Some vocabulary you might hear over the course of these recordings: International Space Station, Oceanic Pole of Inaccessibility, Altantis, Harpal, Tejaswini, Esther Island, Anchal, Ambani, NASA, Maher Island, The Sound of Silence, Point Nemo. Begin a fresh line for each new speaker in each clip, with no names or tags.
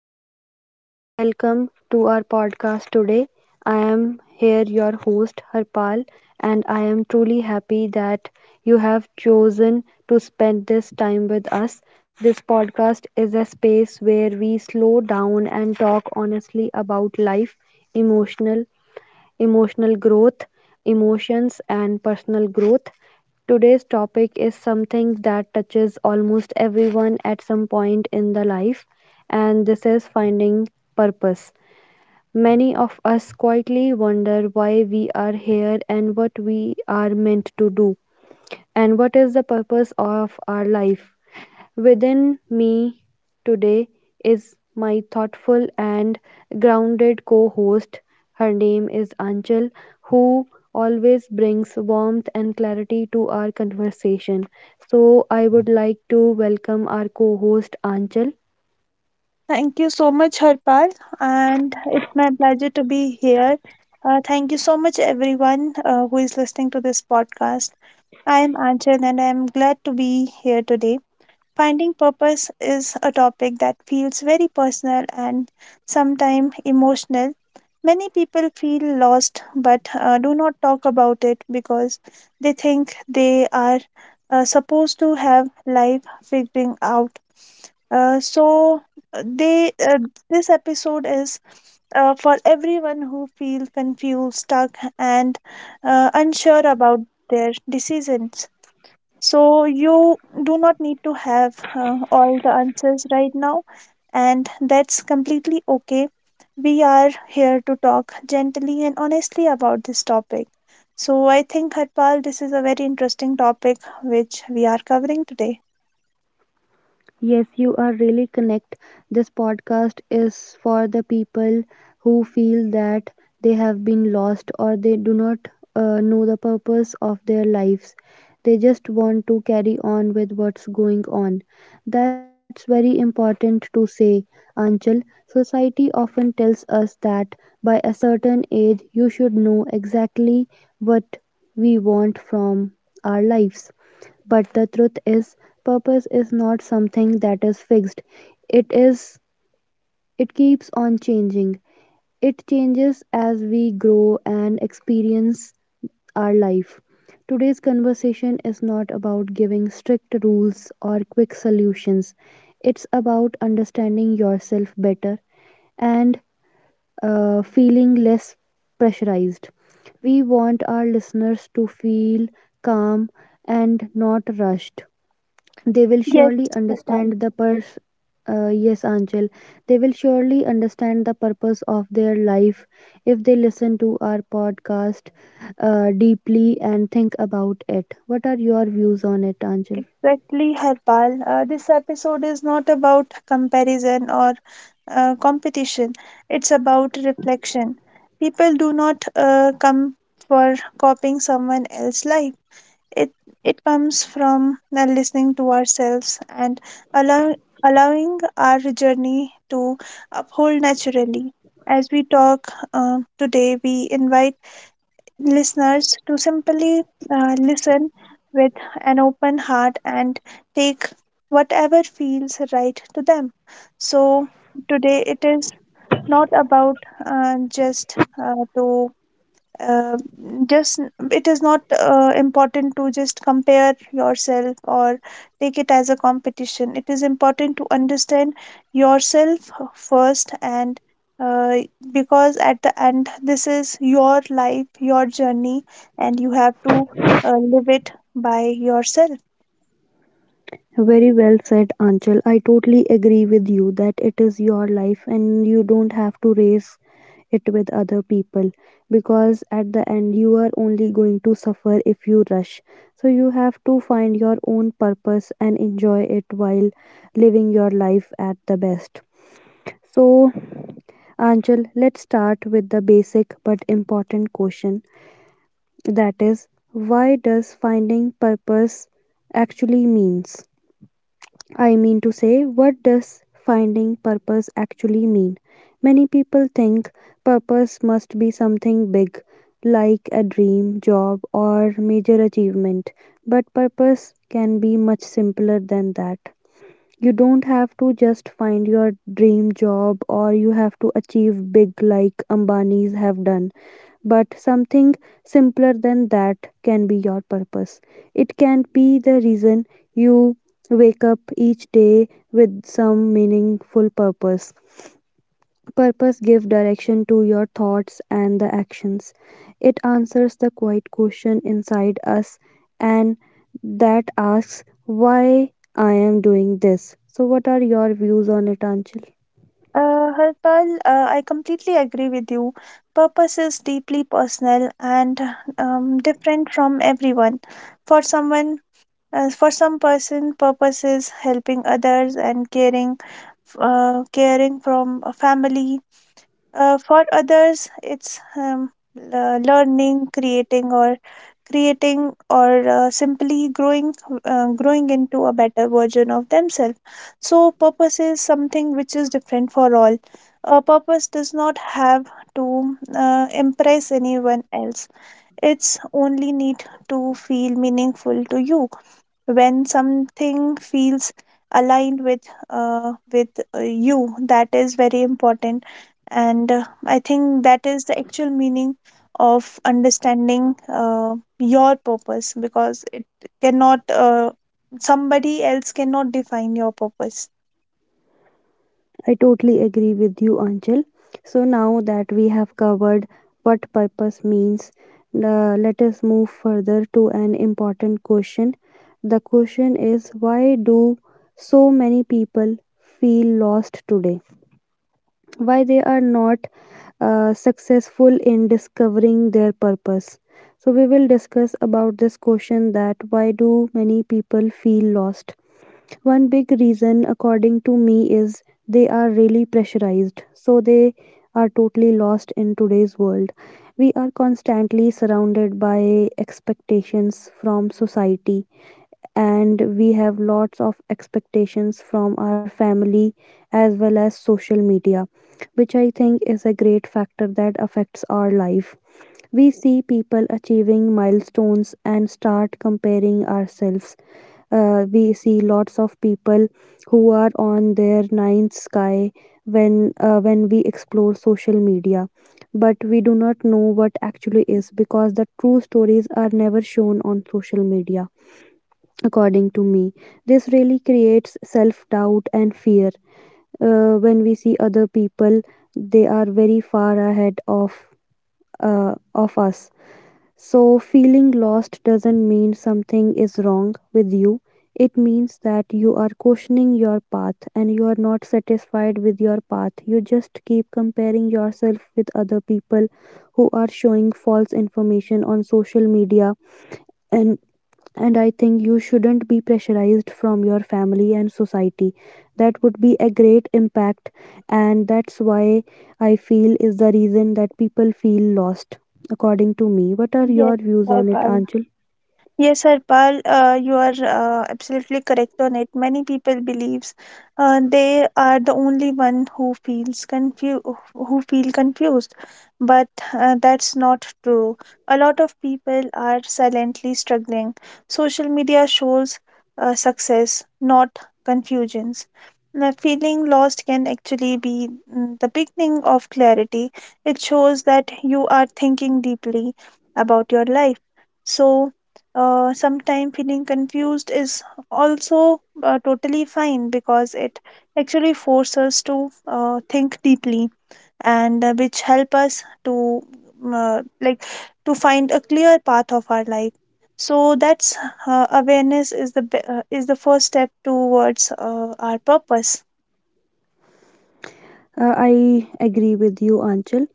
a warm welcome to our podcast today. I am here, your host, Harpal, and I am truly happy that you have chosen to spend this time with us. This podcast is a space where we slow down and talk honestly about life, emotional emotional growth, emotions, and personal growth. Today's topic is something that touches almost everyone at some point in the life, and this is finding purpose. Many of us quietly wonder why we are here and what we are meant to do, and what is the purpose of our life. Within me today is my thoughtful and grounded co host. Her name is Anchal, who always brings warmth and clarity to our conversation. So, I would like to welcome our co host Anchal.
Thank you so much, Harpal, and it's my pleasure to be here. Thank you so much, everyone who is listening to this podcast. I am Anchal, and I am glad to be here today. Finding purpose is a topic that feels very personal and sometimes emotional. Many people feel lost but do not talk about it because they think they are supposed to have life figuring out so they this episode is for everyone who feel confused, stuck, and unsure about their decisions. So you do not need to have all the answers right now, and that's completely okay. We are here to talk gently and honestly about this topic. So I think Harpal, this is a very interesting topic which we are covering today.
Yes, you are really connect. This podcast is for the people who feel that they have been lost or they do not know the purpose of their lives. They just want to carry on with what's going on. That's very important to say, Anchal. Society often tells us that by a certain age, you should know exactly what we want from our lives. But the truth is, purpose is not something that is fixed. It is it keeps on changing. It changes as we grow and experience our life. Today's conversation is not about giving strict rules or quick solutions. It's about understanding yourself better and feeling less pressurized. We want our listeners to feel calm and not rushed, they will
Yes,
surely
Harpal.
understand the purse. Yes, Anchal. They will surely understand the purpose of their life if they listen to our podcast deeply and think about it. What are your views on it, Anchal?
Exactly, Harpal. This episode is not about comparison or competition, it's about reflection. People do not come for copying someone else's life, it, it comes from listening to ourselves and allow, allowing our journey to uphold naturally. As we talk today, we invite listeners to simply listen with an open heart and take whatever feels right to them. So, today it is not about just to uh, just it is not important to just compare yourself or take it as a competition. It is important to understand yourself first and uh, because at the end this is your life, your journey, and you have to live it by yourself.
Very well said, Anchal. I totally agree with you that it is your life and you don't have to race it with other people because at the end you are only going to suffer if you rush. So you have to find your own purpose and enjoy it while living your life at the best. So, Anchal, let's start with the basic but important question, that is, why does finding purpose actually means? I mean to say, what does finding purpose actually mean? Many people think purpose must be something big, like a dream, job, or major achievement. But purpose can be much simpler than that. You don't have to just find your dream job or you have to achieve big like Ambanis have done, but something simpler than that can be your purpose. It can be the reason you wake up each day with some meaningful purpose. Purpose gives direction to your thoughts and the actions. It answers the quiet question inside us and that asks why I am doing this. So what are your views on it, Anchal?
Harpal, I completely agree with you. Purpose is deeply personal and different from everyone. For someone As for some person, purpose is helping others and caring, caring from a family. For others, it's learning, creating, or simply growing into a better version of themselves. So, purpose is something which is different for all. A purpose does not have to impress anyone else. It's only need to feel meaningful to you when something feels aligned with you. That is very important, and I think that is the actual meaning of understanding your purpose because it cannot somebody else cannot define your purpose.
I totally agree with you, Anchal. So now that we have covered what purpose means, let us move further to an important question. The question is, why do so many people feel lost today? Why they are not successful in discovering their purpose? So we will discuss about this question, that why do many people feel lost. One big reason, according to me, is they are really pressurized, so they are totally lost in today's world. We are constantly surrounded by expectations from society, and we have lots of expectations from our family as well as social media, which I think is a great factor that affects our life. We see people achieving milestones and start comparing ourselves. We see lots of people who are on their ninth sky when we explore social media, but we do not know what actually is, because the true stories are never shown on social media, according to me. This really creates self doubt and fear. When we see other people, they are very far ahead of us. So feeling lost doesn't mean something is wrong with you. It means that you are questioning your path and you are not satisfied with your path. You just keep comparing yourself with other people who are showing false information on social media, and and I think you shouldn't be pressurized from your family and society. That would be a great impact, and that's why I feel is the reason that people feel lost, according to me. What are
Yes,
your views
bye
on it,
bye.
Anchal?
Yes, Harpal, you are absolutely correct on it. Many people believes they are the only one who feel confused, but that's not true. A lot of people are silently struggling. Social media shows success, not confusions. Now, feeling lost can actually be the beginning of clarity. It shows that you are thinking deeply about your life. So sometime feeling confused is also totally fine because it actually forces us to think deeply and which help us to mm, like to find a clear path of our life. So that's awareness is the first step towards our purpose.
I agree with you, Anchal.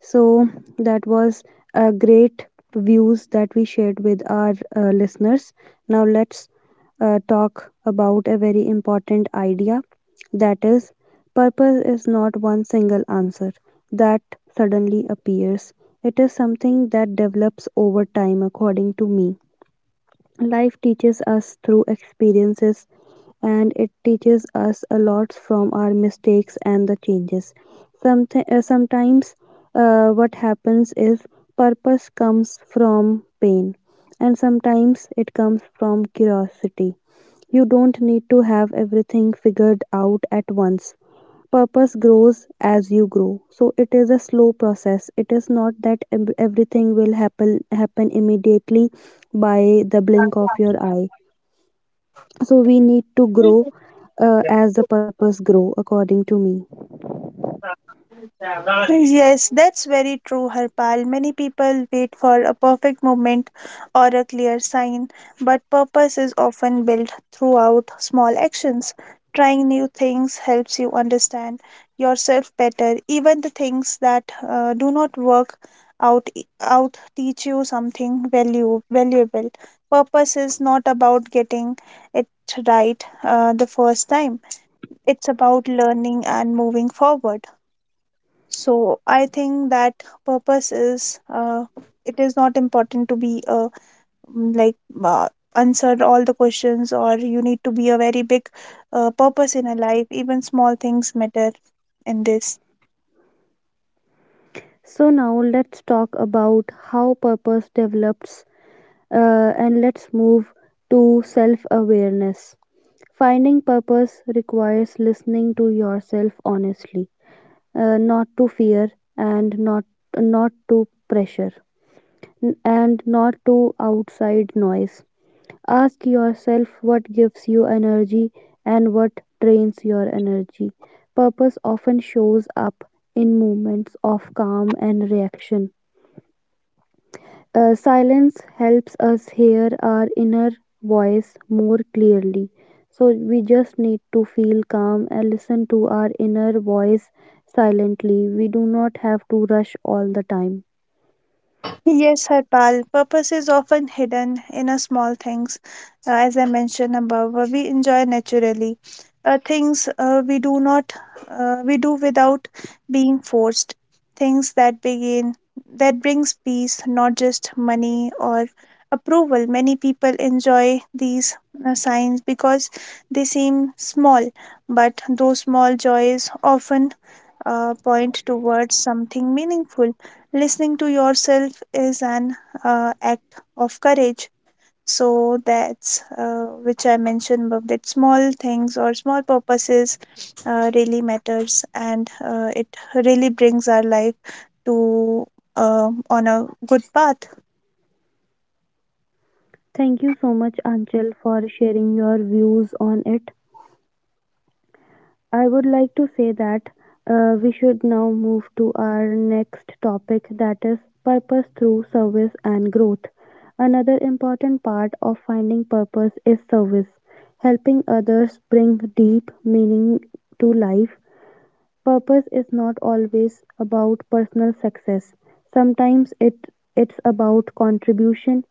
So that was a great views that we shared with our listeners. Now let's talk about a very important idea, that is, purpose is not one single answer that suddenly appears. It is something that develops over time, according to me. Life teaches us through experiences, and it teaches us a lot from our mistakes and the changes. Sometimes what happens is purpose comes from pain, and sometimes it comes from curiosity. You don't need to have everything figured out at once. Purpose grows as you grow, so it is a slow process. It is not that everything will happen immediately by the blink of your eye. So we need to grow as the purpose grow, according to me.
Yes, that's very true, Harpal. Many people wait for a perfect moment or a clear sign, but purpose is often built throughout small actions. Trying new things helps you understand yourself better. Even the things that do not work out out teach you something value valuable. Purpose is not about getting it right the first time. It's about learning and moving forward. So I think that purpose is it is not important to be mm, like uh, answer all the questions or you need to be a very big purpose in a life. Even small things matter in this.
So now let's talk about how purpose develops, and let's move to self awareness. Finding purpose requires listening to yourself honestly, not to fear, and not to pressure, and not to outside noise. Ask yourself what gives you energy and what drains your energy. Purpose often shows up in moments of calm and reaction. Silence helps us hear our inner voice more clearly. So we just need to feel calm and listen to our inner voice silently. We do not have to rush all the time.
Yes, Harpal. Purpose is often hidden in a small things, as I mentioned above. We enjoy naturally, things we do without being forced. Things that begin that brings peace, not just money or approval. Many people enjoy these signs because they seem small, but those small joys often point towards something meaningful. Listening to yourself is an act of courage. So that's which I mentioned above, that small things or small purposes really matters, and it really brings our life to on a good path.
Thank you so much, Anchal, for sharing your views on it. I would like to say that we should now move to our next topic, that is purpose through service and growth. Another important part of finding purpose is service, helping others bring deep meaning to life. Purpose is not always about personal success. Sometimes it's about contribution,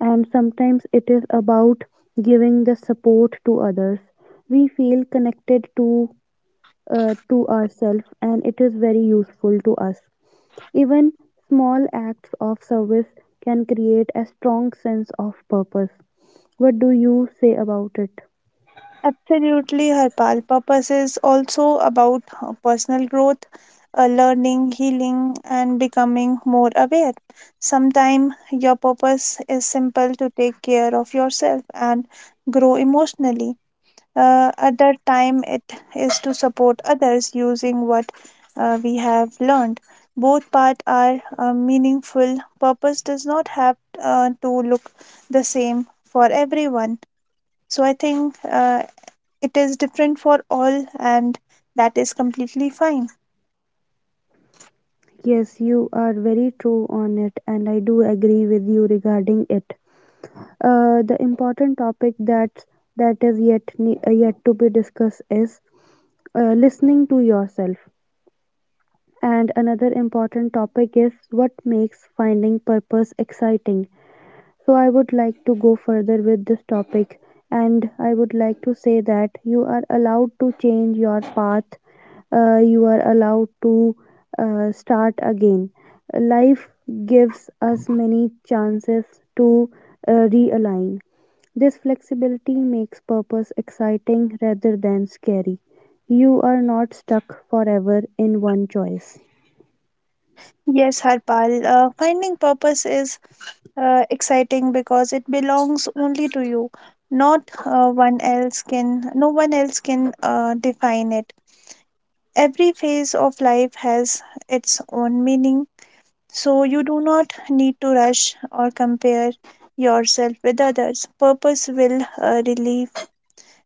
and sometimes it is about giving the support to others. We feel connected to ourselves, and it is very useful to us. Even small acts of service can create a strong sense of purpose. What do you say about it?
Absolutely, Harpal. Purpose is also about personal growth, learning, healing, and becoming more aware. Sometimes your purpose is simple to take care of yourself and grow emotionally. Other time it is to support others using what we have learned. Both part are meaningful. Purpose does not have to look the same for everyone. So I think it is different for all, and that is completely fine.
Yes, you are very true on it, and I do agree with you regarding it. The important topic that is yet to be discussed is listening to yourself. And another important topic is what makes finding purpose exciting. So, I would like to go further with this topic, and I would like to say that you are allowed to change your path, you are allowed to start again. Life gives us many chances to realign. This flexibility makes purpose exciting rather than scary. You are not stuck forever in one choice.
Yes, Harpal, finding purpose is exciting because it belongs only to you. Not one else can No one else can define it. Every phase of life has its own meaning, so you do not need to rush or compare yourself with others. Purpose will relieve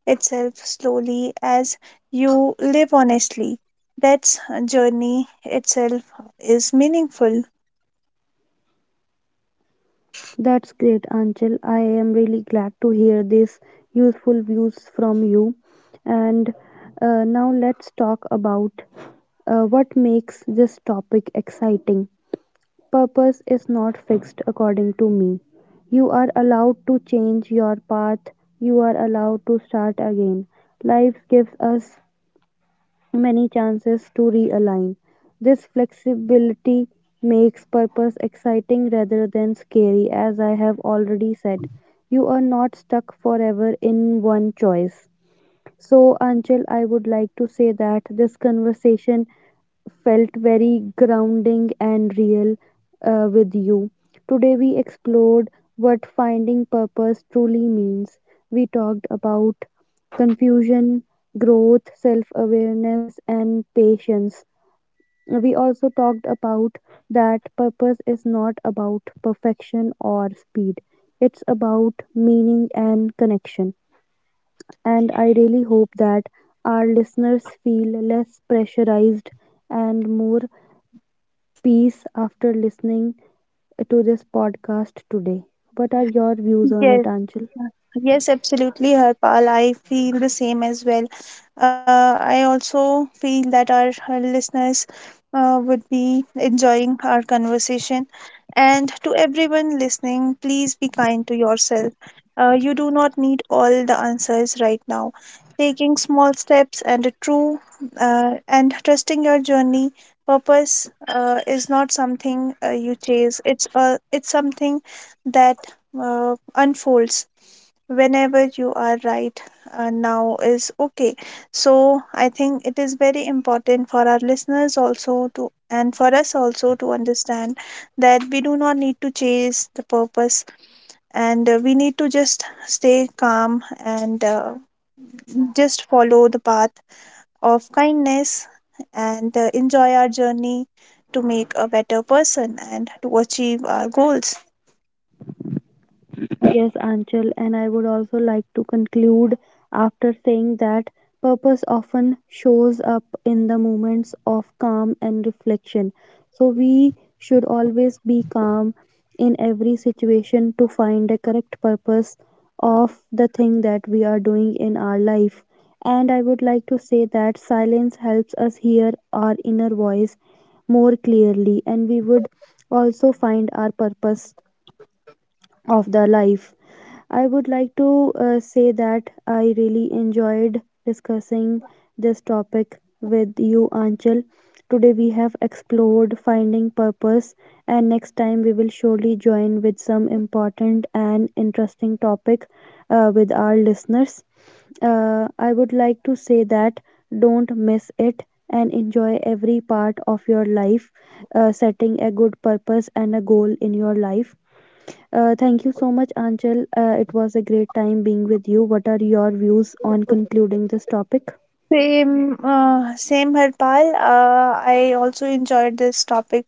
itself slowly as you live honestly. That's journey itself is meaningful.
That's great, Anchal. I am really glad to hear these useful views from you. And now let's talk about what makes this topic exciting. Purpose is not fixed, according to me. You are allowed to change your path, you are allowed to start again. Life gives us many chances to realign. This flexibility makes purpose exciting rather than scary, as I have already said. You are not stuck forever in one choice. So, Anchal, I would like to say that this conversation felt very grounding and real with you. Today, we explored what finding purpose truly means. We talked about confusion, growth, self awareness, and patience. We also talked about that purpose is not about perfection or speed, it's about meaning and connection. And I really hope that our listeners feel less pressurized and more peace after listening to this podcast today. What are your views on it,
Yes.
Anchal?
Yes, absolutely, Harpal. I feel the same as well. I also feel that our listeners would be enjoying our conversation. And to everyone listening, please be kind to yourself. You do not need all the answers right now. Taking small steps and a true and trusting your journey. Purpose is not something you chase. It's something that unfolds whenever you are right now is okay. So I think it is very important for our listeners also to and for us also to understand that we do not need to chase the purpose, and we need to just stay calm and just follow the path of kindness and enjoy our journey to make a better person and to achieve our goals.
Yes, Anchal, and I would also like to conclude after saying that purpose often shows up in the moments of calm and reflection. So, we should always be calm in every situation to find the correct purpose of the thing that we are doing in our life. And I would like to say that silence helps us hear our inner voice more clearly, and we would also find our purpose of the life. I would like to say that I really enjoyed discussing this topic with you, Anchal. Today we have explored finding purpose, and next time we will surely join with some important and interesting topic with our listeners. I would like to say that don't miss it and enjoy every part of your life, setting a good purpose and a goal in your life. Thank you so much, Anchal. It was a great time being with you. What are your views on concluding this topic?
Same, same Harpal. I also enjoyed this topic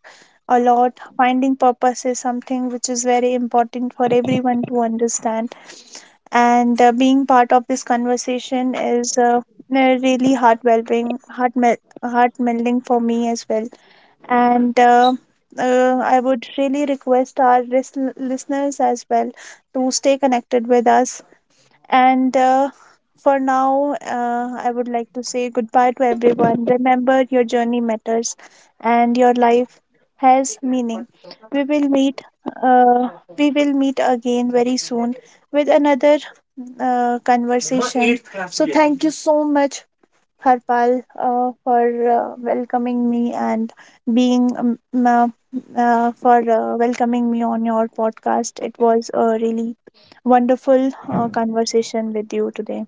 a lot. Finding purpose is something which is very important for everyone to understand, and being part of this conversation is really heart welcoming, heart melting for me as well. And I would really request our listeners as well to stay connected with us and. For now, I would like to say goodbye to everyone. Remember, your journey matters and your life has meaning. We will meet. Uh, we will meet again very soon with another conversation. So thank you so much, Harpal, for welcoming me and being uh, for welcoming me on your podcast. It was a really wonderful conversation with you today.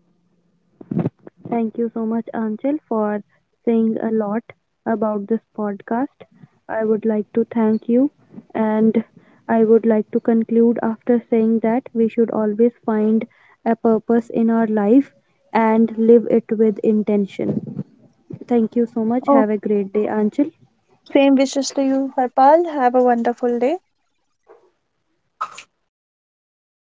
Thank you so much, Anchal, for saying a lot about this podcast. I would like to thank you, and I would like to conclude after saying that we should always find a purpose in our life and live it with intention. Thank you so much.
Oh.
Have a great day, Anchal.
Same wishes to you, Harpal. Have a wonderful day.